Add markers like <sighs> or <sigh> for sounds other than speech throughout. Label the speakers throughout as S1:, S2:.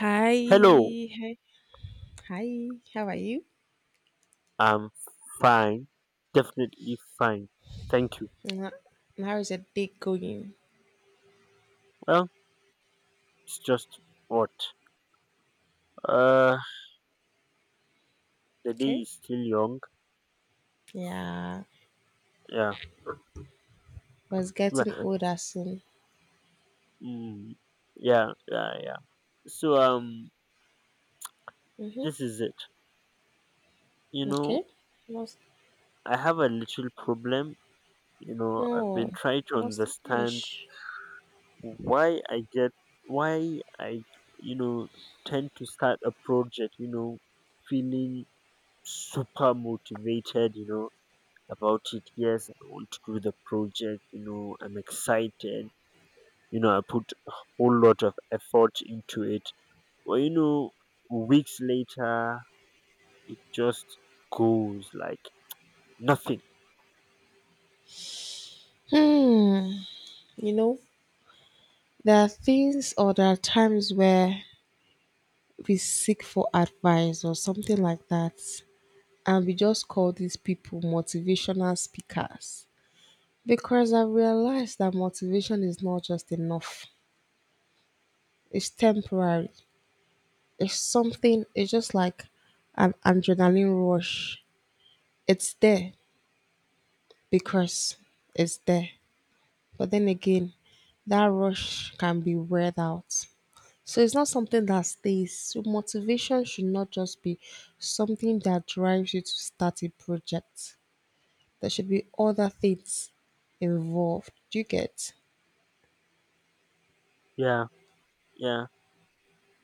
S1: Hi,
S2: Hello,
S1: hi, hi. How are you?
S2: I'm fine, definitely fine. Thank you.
S1: Mwah. How is your day going?
S2: Well, it's just what? Uh, the day
S1: Okay.
S2: is still young.
S1: Yeah,
S2: Yeah,
S1: but it's
S2: yeah,
S1: getting older soon.
S2: mm, yeah, yeah, yeah. So
S1: Mhm.
S2: this is it. You know,
S1: Okay. What's
S2: I have a little problem. I've
S1: no?
S2: been trying to
S1: What's the
S2: understand
S1: ish?
S2: why I get why I you know tend to start a project. Feeling super motivated. About it. Yes, I want to do the project. I'm excited. I put a whole lot of effort into it. Well, weeks later, it just goes like nothing.
S1: Hmm. You know, there are things or there are times where we seek for advice or something like that, and we just call these people motivational speakers because I realized that motivation is not just enough. It's temporary. It's something, it's just like an adrenaline rush. It's there because it's there. But then again, that rush can be weared out. So it's not something that stays. So motivation should not just be something that drives you to start a project. There should be other things involved. Do you get?
S2: Yeah, yeah.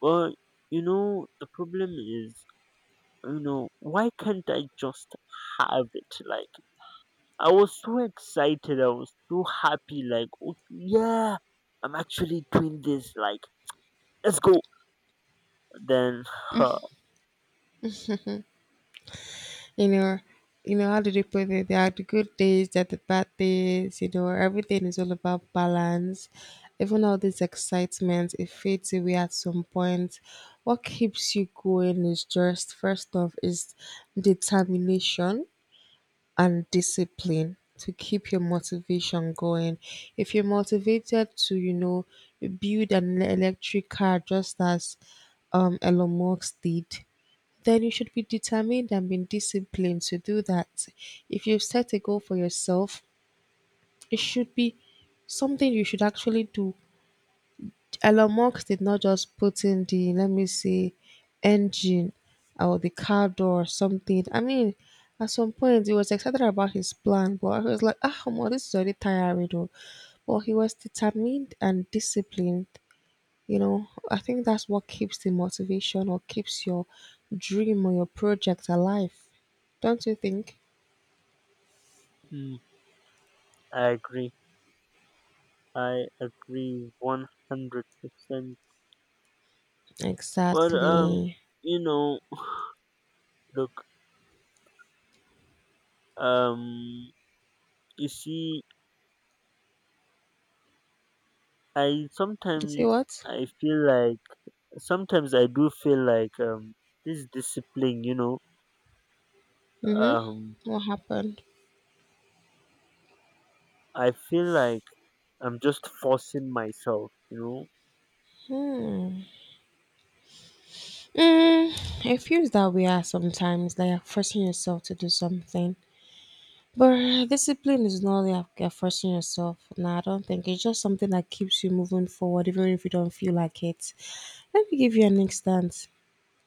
S2: Well, the problem is, why can't I just have it? Like, I was so excited. I was so happy. Like, oh, yeah, I'm actually doing this. Like, let's go. Then, <sighs> huh.
S1: You know, how do they put it? There are the good days, there are the bad days, everything is all about balance. Even all this excitement, it fades away at some point. What keeps you going is just first off is determination and discipline to keep your motivation going. If you're motivated to, build an electric car just as Elon Musk did, then you should be determined and be disciplined to do that. If you've set a goal for yourself, it should be something you should actually do. Elon Musk did not just put in the, let me say, engine or the car door or something. I mean, at some point he was excited about his plan, but I was like, ah, well, this is already tiring. Though." But he was determined and disciplined. I think that's what keeps the motivation or keeps your dream or your project alive. Don't you think?
S2: I agree. I agree 100%. But
S1: Exactly.
S2: you know, look, um, you see, I
S1: You see
S2: sometimes
S1: what?
S2: I feel like I do feel like this discipline,
S1: Mm-hmm.
S2: um,
S1: What happened?
S2: I feel like I'm just forcing myself.
S1: Hmm. Mm, it feels that we are sometimes like you're forcing yourself to do something, but discipline is not like you're forcing yourself. No, I don't think. It's just something that keeps you moving forward even if you don't feel like it. Let me give you an instance.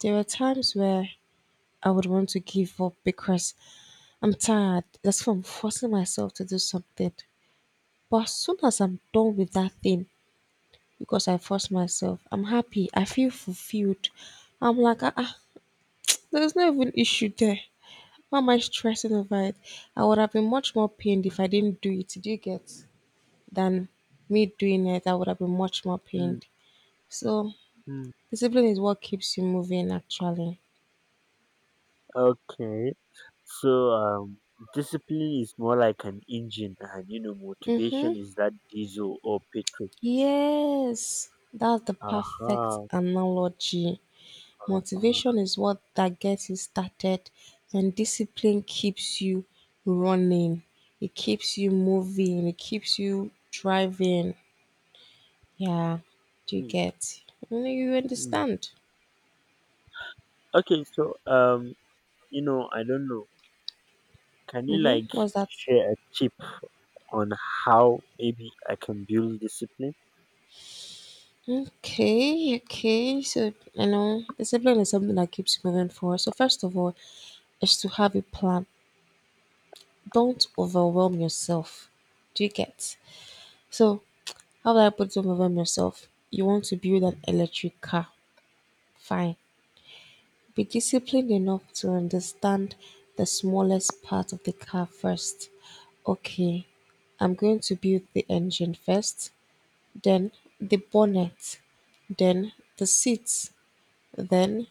S1: There were times where I would want to give up because I'm tired. That's why I'm forcing myself to do something. But as soon as I'm done with that thing, because I forced myself, I'm happy. I feel fulfilled. I'm like, ah, ah, there's no even issue there. Why am I stressing over it? I would have been much more pained if I didn't do it. Do you get? Than me doing it, I would have been much more
S2: Mm,
S1: pained. So
S2: mm.
S1: discipline is what keeps you moving, actually.
S2: Okay, so um. Discipline is more like an engine, and
S1: Mm-hmm.
S2: motivation is that diesel or petrol.
S1: Yes, that's the perfect
S2: Aha.
S1: analogy.
S2: Uh-huh.
S1: Motivation is what that gets you started, and discipline keeps you running. It keeps you moving. It keeps you driving. Yeah, do you
S2: Mm,
S1: get? You know, you
S2: mm.
S1: understand.
S2: Okay, so I don't know. Can you
S1: Mm-hmm.
S2: like
S1: What's that?
S2: share a tip on how maybe I can build discipline?
S1: Okay, okay. So, discipline is something that keeps you moving forward. So, first of all, is to have a plan. Don't overwhelm yourself. Do you get? So, how do I put some over myself? You want to build an electric car. Fine. Be disciplined enough to understand the smallest part of the car first. Okay, I'm going to build the engine first, then the bonnet, then the seats, then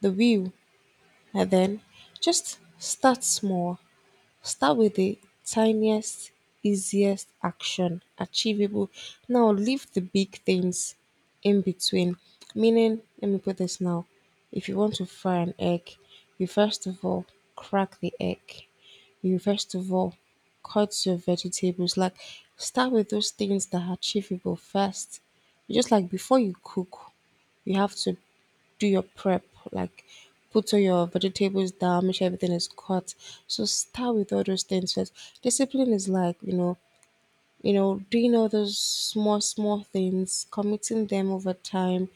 S1: the wheel, and then just start small. Start with the tiniest, easiest action achievable. Now leave the big things in between. Meaning, let me put this now. If you want to fry an egg, you first of all crack the egg. You first of all cut your vegetables. Like start with those things that are achievable first. Just like before you cook, you have to do your prep, like put all your vegetables down, make sure everything is cut. So start with all those things first. Discipline is like, doing all those small, small things, committing them over time,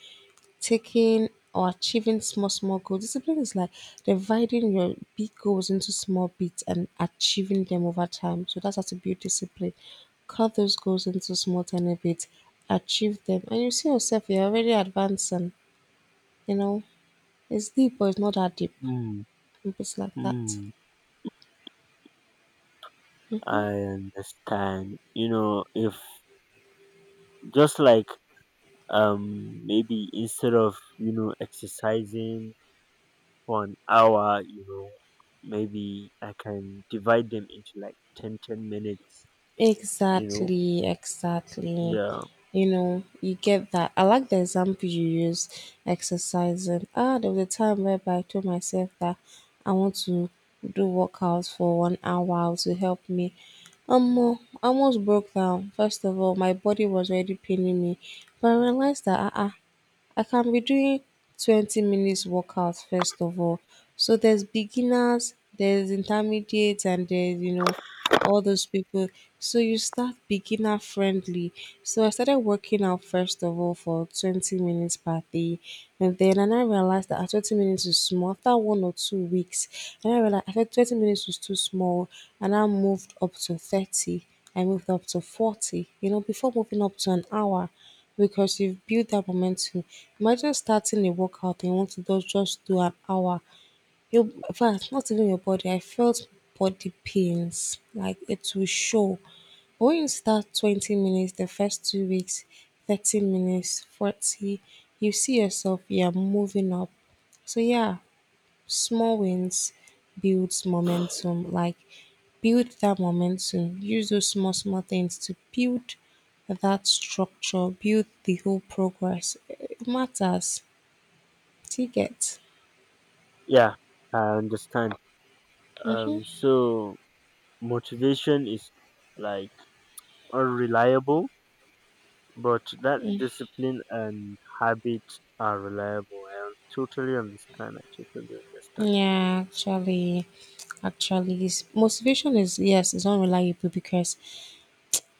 S1: taking or achieving small, small goals. Discipline is like dividing your big goals into small bits and achieving them over time. So that's how to build discipline. Cut those goals into small, tiny bits, achieve them, and you see yourself, you're already advancing, you know. It's deep, but it's not that deep.
S2: Mm,
S1: If it's like that.
S2: mm. I understand. If just like maybe instead of exercising for an hour, maybe I can divide them into like 10, 10 minutes. You know,
S1: Exactly, exactly.
S2: yeah,
S1: You get that. I like the example you use, exercising. Ah, there was a time whereby I told myself that I want to do workouts for one hour to help me. Um, I almost broke down. First of all, my body was already paining me, but I realized that I can be doing 20 minutes workouts first of all. So there's beginners, there's intermediates, and there's, all those people. So you start beginner friendly. So I started working out first of all for 20 minutes per day. And then and I realized that at 20 minutes is small. After 1 or 2 weeks, and I realized after 20 minutes was too small. And I moved up to 30. I moved up to 40. Before moving up to an hour because you've built that momentum. Imagine starting a workout and you want to do- just do an hour. Your infact not even your body, I felt body pains, like it will show. But when you start 20 minutes, the first 2 weeks, 30 minutes, 40, you see yourself, you're moving up. So yeah, small wins builds momentum. Like build that momentum. Use those small, small things to build that structure, build the whole progress. It matters. Do you get?
S2: yeah, I understand.
S1: Hmm.
S2: So motivation is like unreliable, but that discipline and habit are reliable. I totally understand. I totally understand.
S1: Yeah, actually, it's, motivation is yes, it's unreliable because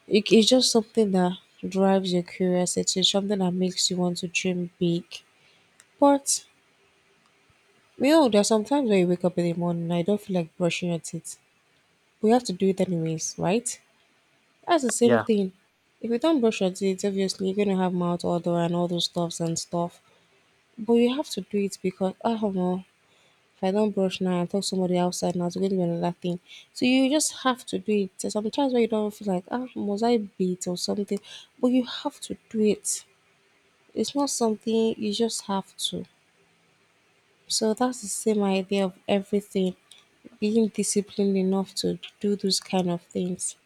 S1: it's just something that drives your curiosity, something that makes you want to dream big. But there are sometimes when you wake up in the morning, and I don't feel like brushing your teeth. We have to do it anyways, right? That's the same
S2: Yeah,
S1: thing. If you don't brush your teeth, obviously you're gonna have mouth odor and all those stuffs and stuff. But you have to do it because I don't know. If I don't brush now, I'll talk to somebody outside now to go do another thing. So you just have to do it. There's sometimes where you don't feel like, ah, must I beat or something? But you have to do it. It's not something you just have to. So that's the same idea of everything. Being disciplined enough to do those kind of things.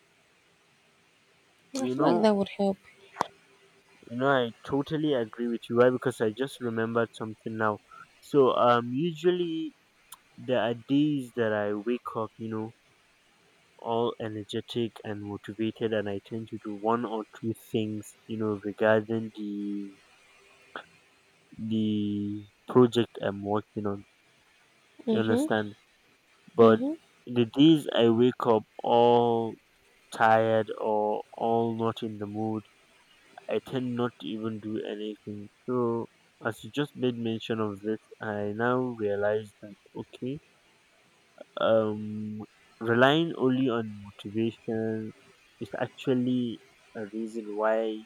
S1: I
S2: you
S1: feel like
S2: know,
S1: that would help.
S2: I totally agree with you. Why? Because I just remembered something now. So, usually there are days that I wake up, all energetic and motivated, and I tend to do one or two things, regarding the project I'm working on. You
S1: Mm-hmm.
S2: understand? But
S1: Mm-hmm.
S2: the days I wake up all tired or all not in the mood, I tend not to even do anything. So as you just made mention of this, I now realize that okay, um, relying only on motivation is actually a reason why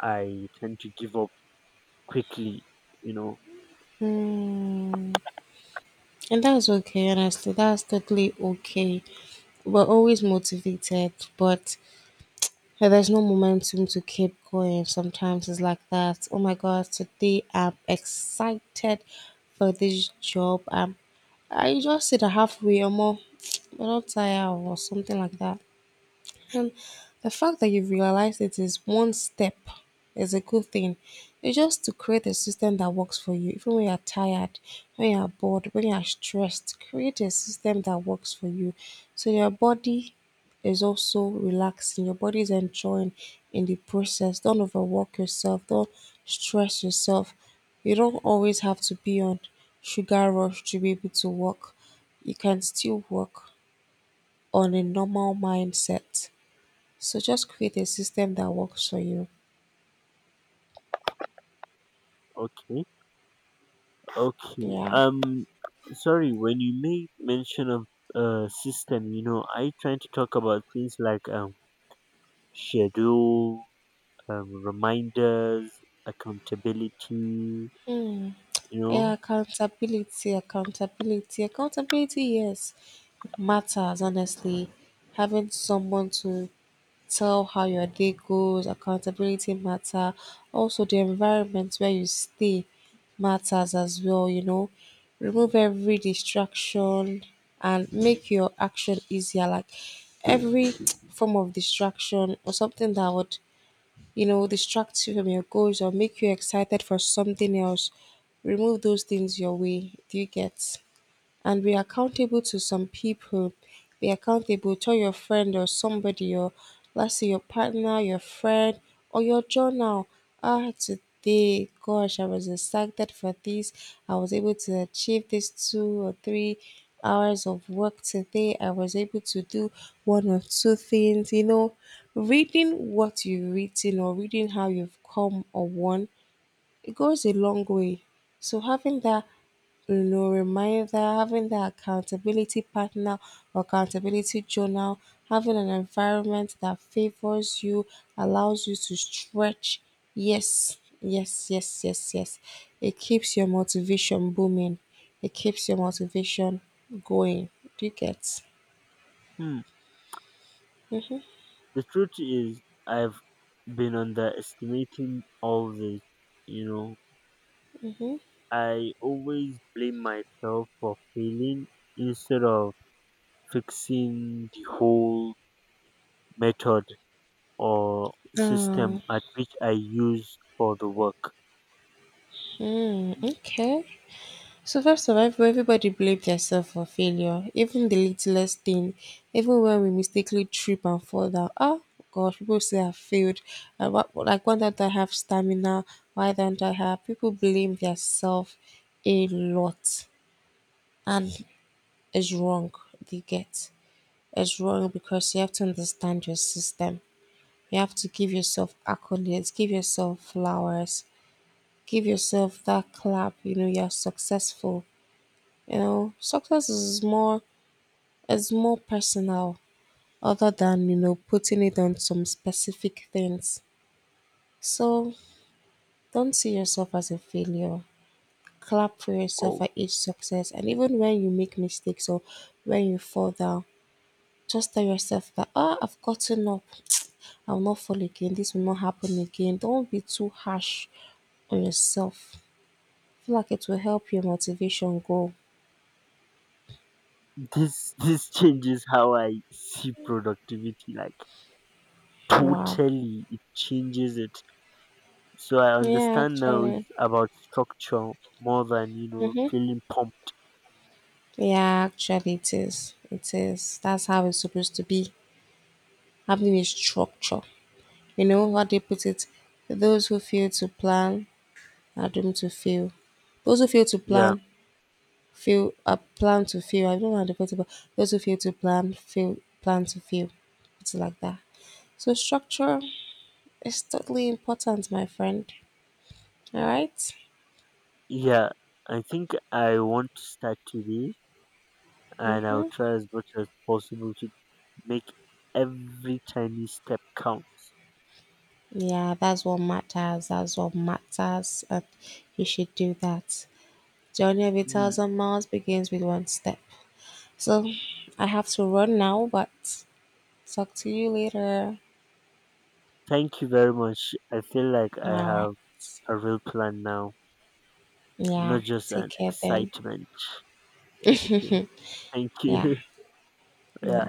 S2: I tend to give up quickly. You know,
S1: Mm. And that's okay, honestly. That's totally okay. We're always motivated, but yeah, there's no momentum to keep going. Sometimes it's like that. Oh my God, today I'm excited for this job. I just sit a halfway or more, <tsk> but not tired or something like that. And the fact that you've realized it is one step is a good thing. It's just to create a system that works for you, even when you're tired, when you're bored, when you're stressed. Create a system that works for you. So your body is also relaxing, your body is enjoying in the process. Don't overwork yourself, don't stress yourself. You don't always have to be on sugar rush to be able to work. You can still work on a normal mindset. So just create a system that works for you.
S2: okay, okay.
S1: Yeah.
S2: Sorry. When you made mention of system, I trying to talk about things like schedule, reminders, accountability.
S1: Yeah,
S2: Know,
S1: accountability, accountability, accountability, yes. It matters honestly. Having someone to tell how your day goes, accountability matter. Also the environment where you stay matters as well. Remove every distraction and make your action easier. Like every <tsk> form of distraction or something that would distract you from your goals or make you excited for something else. Remove those things your way. Do you get? And be accountable to some people. Be accountable. Tell your friend or somebody, or let's say your partner, your friend, or your journal. Ah, today, gosh, I was excited for this. I was able to achieve this 2 or 3 hours of work today. I was able to do one or two things. Reading what you've written or reading how you've come or won, it goes a long way. So having that no reminder, having that accountability partner or accountability journal, having an environment that favors you, allows you to stretch. Yes, yes, yes, yes, yes. It keeps your motivation booming. It keeps your motivation going. Do you get?
S2: hmm.
S1: Mm-hmm.
S2: The truth is, I've been underestimating all this. You know, I always blame myself for failing instead of fixing the whole method or system
S1: Oh,
S2: at which I use for the work.
S1: mm,
S2: Mm.
S1: okay. So first far survival, everybody blames themselves for failure, even the littlest thing, even when we mistakenly trip and fall down. Oh gosh, people say I failed. And what, like why don't I have stamina? Why don't I have? People blame themselves a lot, and it's wrong. They get it's wrong because you have to understand your system. You have to give yourself accolades, give yourself flowers, give yourself that clap. You know you're successful. You know success is more. It's more personal other than, putting it on some specific things. So don't see yourself as a failure. Clap for yourself
S2: Oh,
S1: at each success. And even when you make mistakes or when you fall down, just tell yourself that, ah, I've gotten up. <tsk> I will not fall again. This will not happen again. Don't be too harsh on yourself. I feel like it will help your motivation go.
S2: this <laughs> this changes how I see productivity. Like
S1: Wow.
S2: totally, it changes it. So I
S1: Yeah,
S2: understand now
S1: actually.
S2: it's about structure more than feeling pumped.
S1: Yeah, actually, it is. It is. That's how it's supposed to be. Having a structure. You know how they put it? Those who fail to plan are doomed to fail. Those who fail to
S2: Yeah,
S1: plan fail. Plan to fail. I don't know how to put it, but those who fail to plan fail. Plan to fail. It's like that. So structure is totally important, my friend. All right.
S2: yeah. I think I want to start today, and I'll try as much as possible to make every tiny step count.
S1: Yeah, that's what matters. That's what matters, and you should do that. Journey of a
S2: Mm.
S1: thousand miles begins with one step. So I have to run now, but talk to you later.
S2: Thank you very much. I feel like
S1: All
S2: I
S1: right.
S2: have a real plan now,
S1: Yeah.
S2: not just
S1: Take
S2: an
S1: care then.
S2: excitement. Okay. Thank
S1: Yeah.
S2: you. <laughs> Yeah.
S1: Yeah.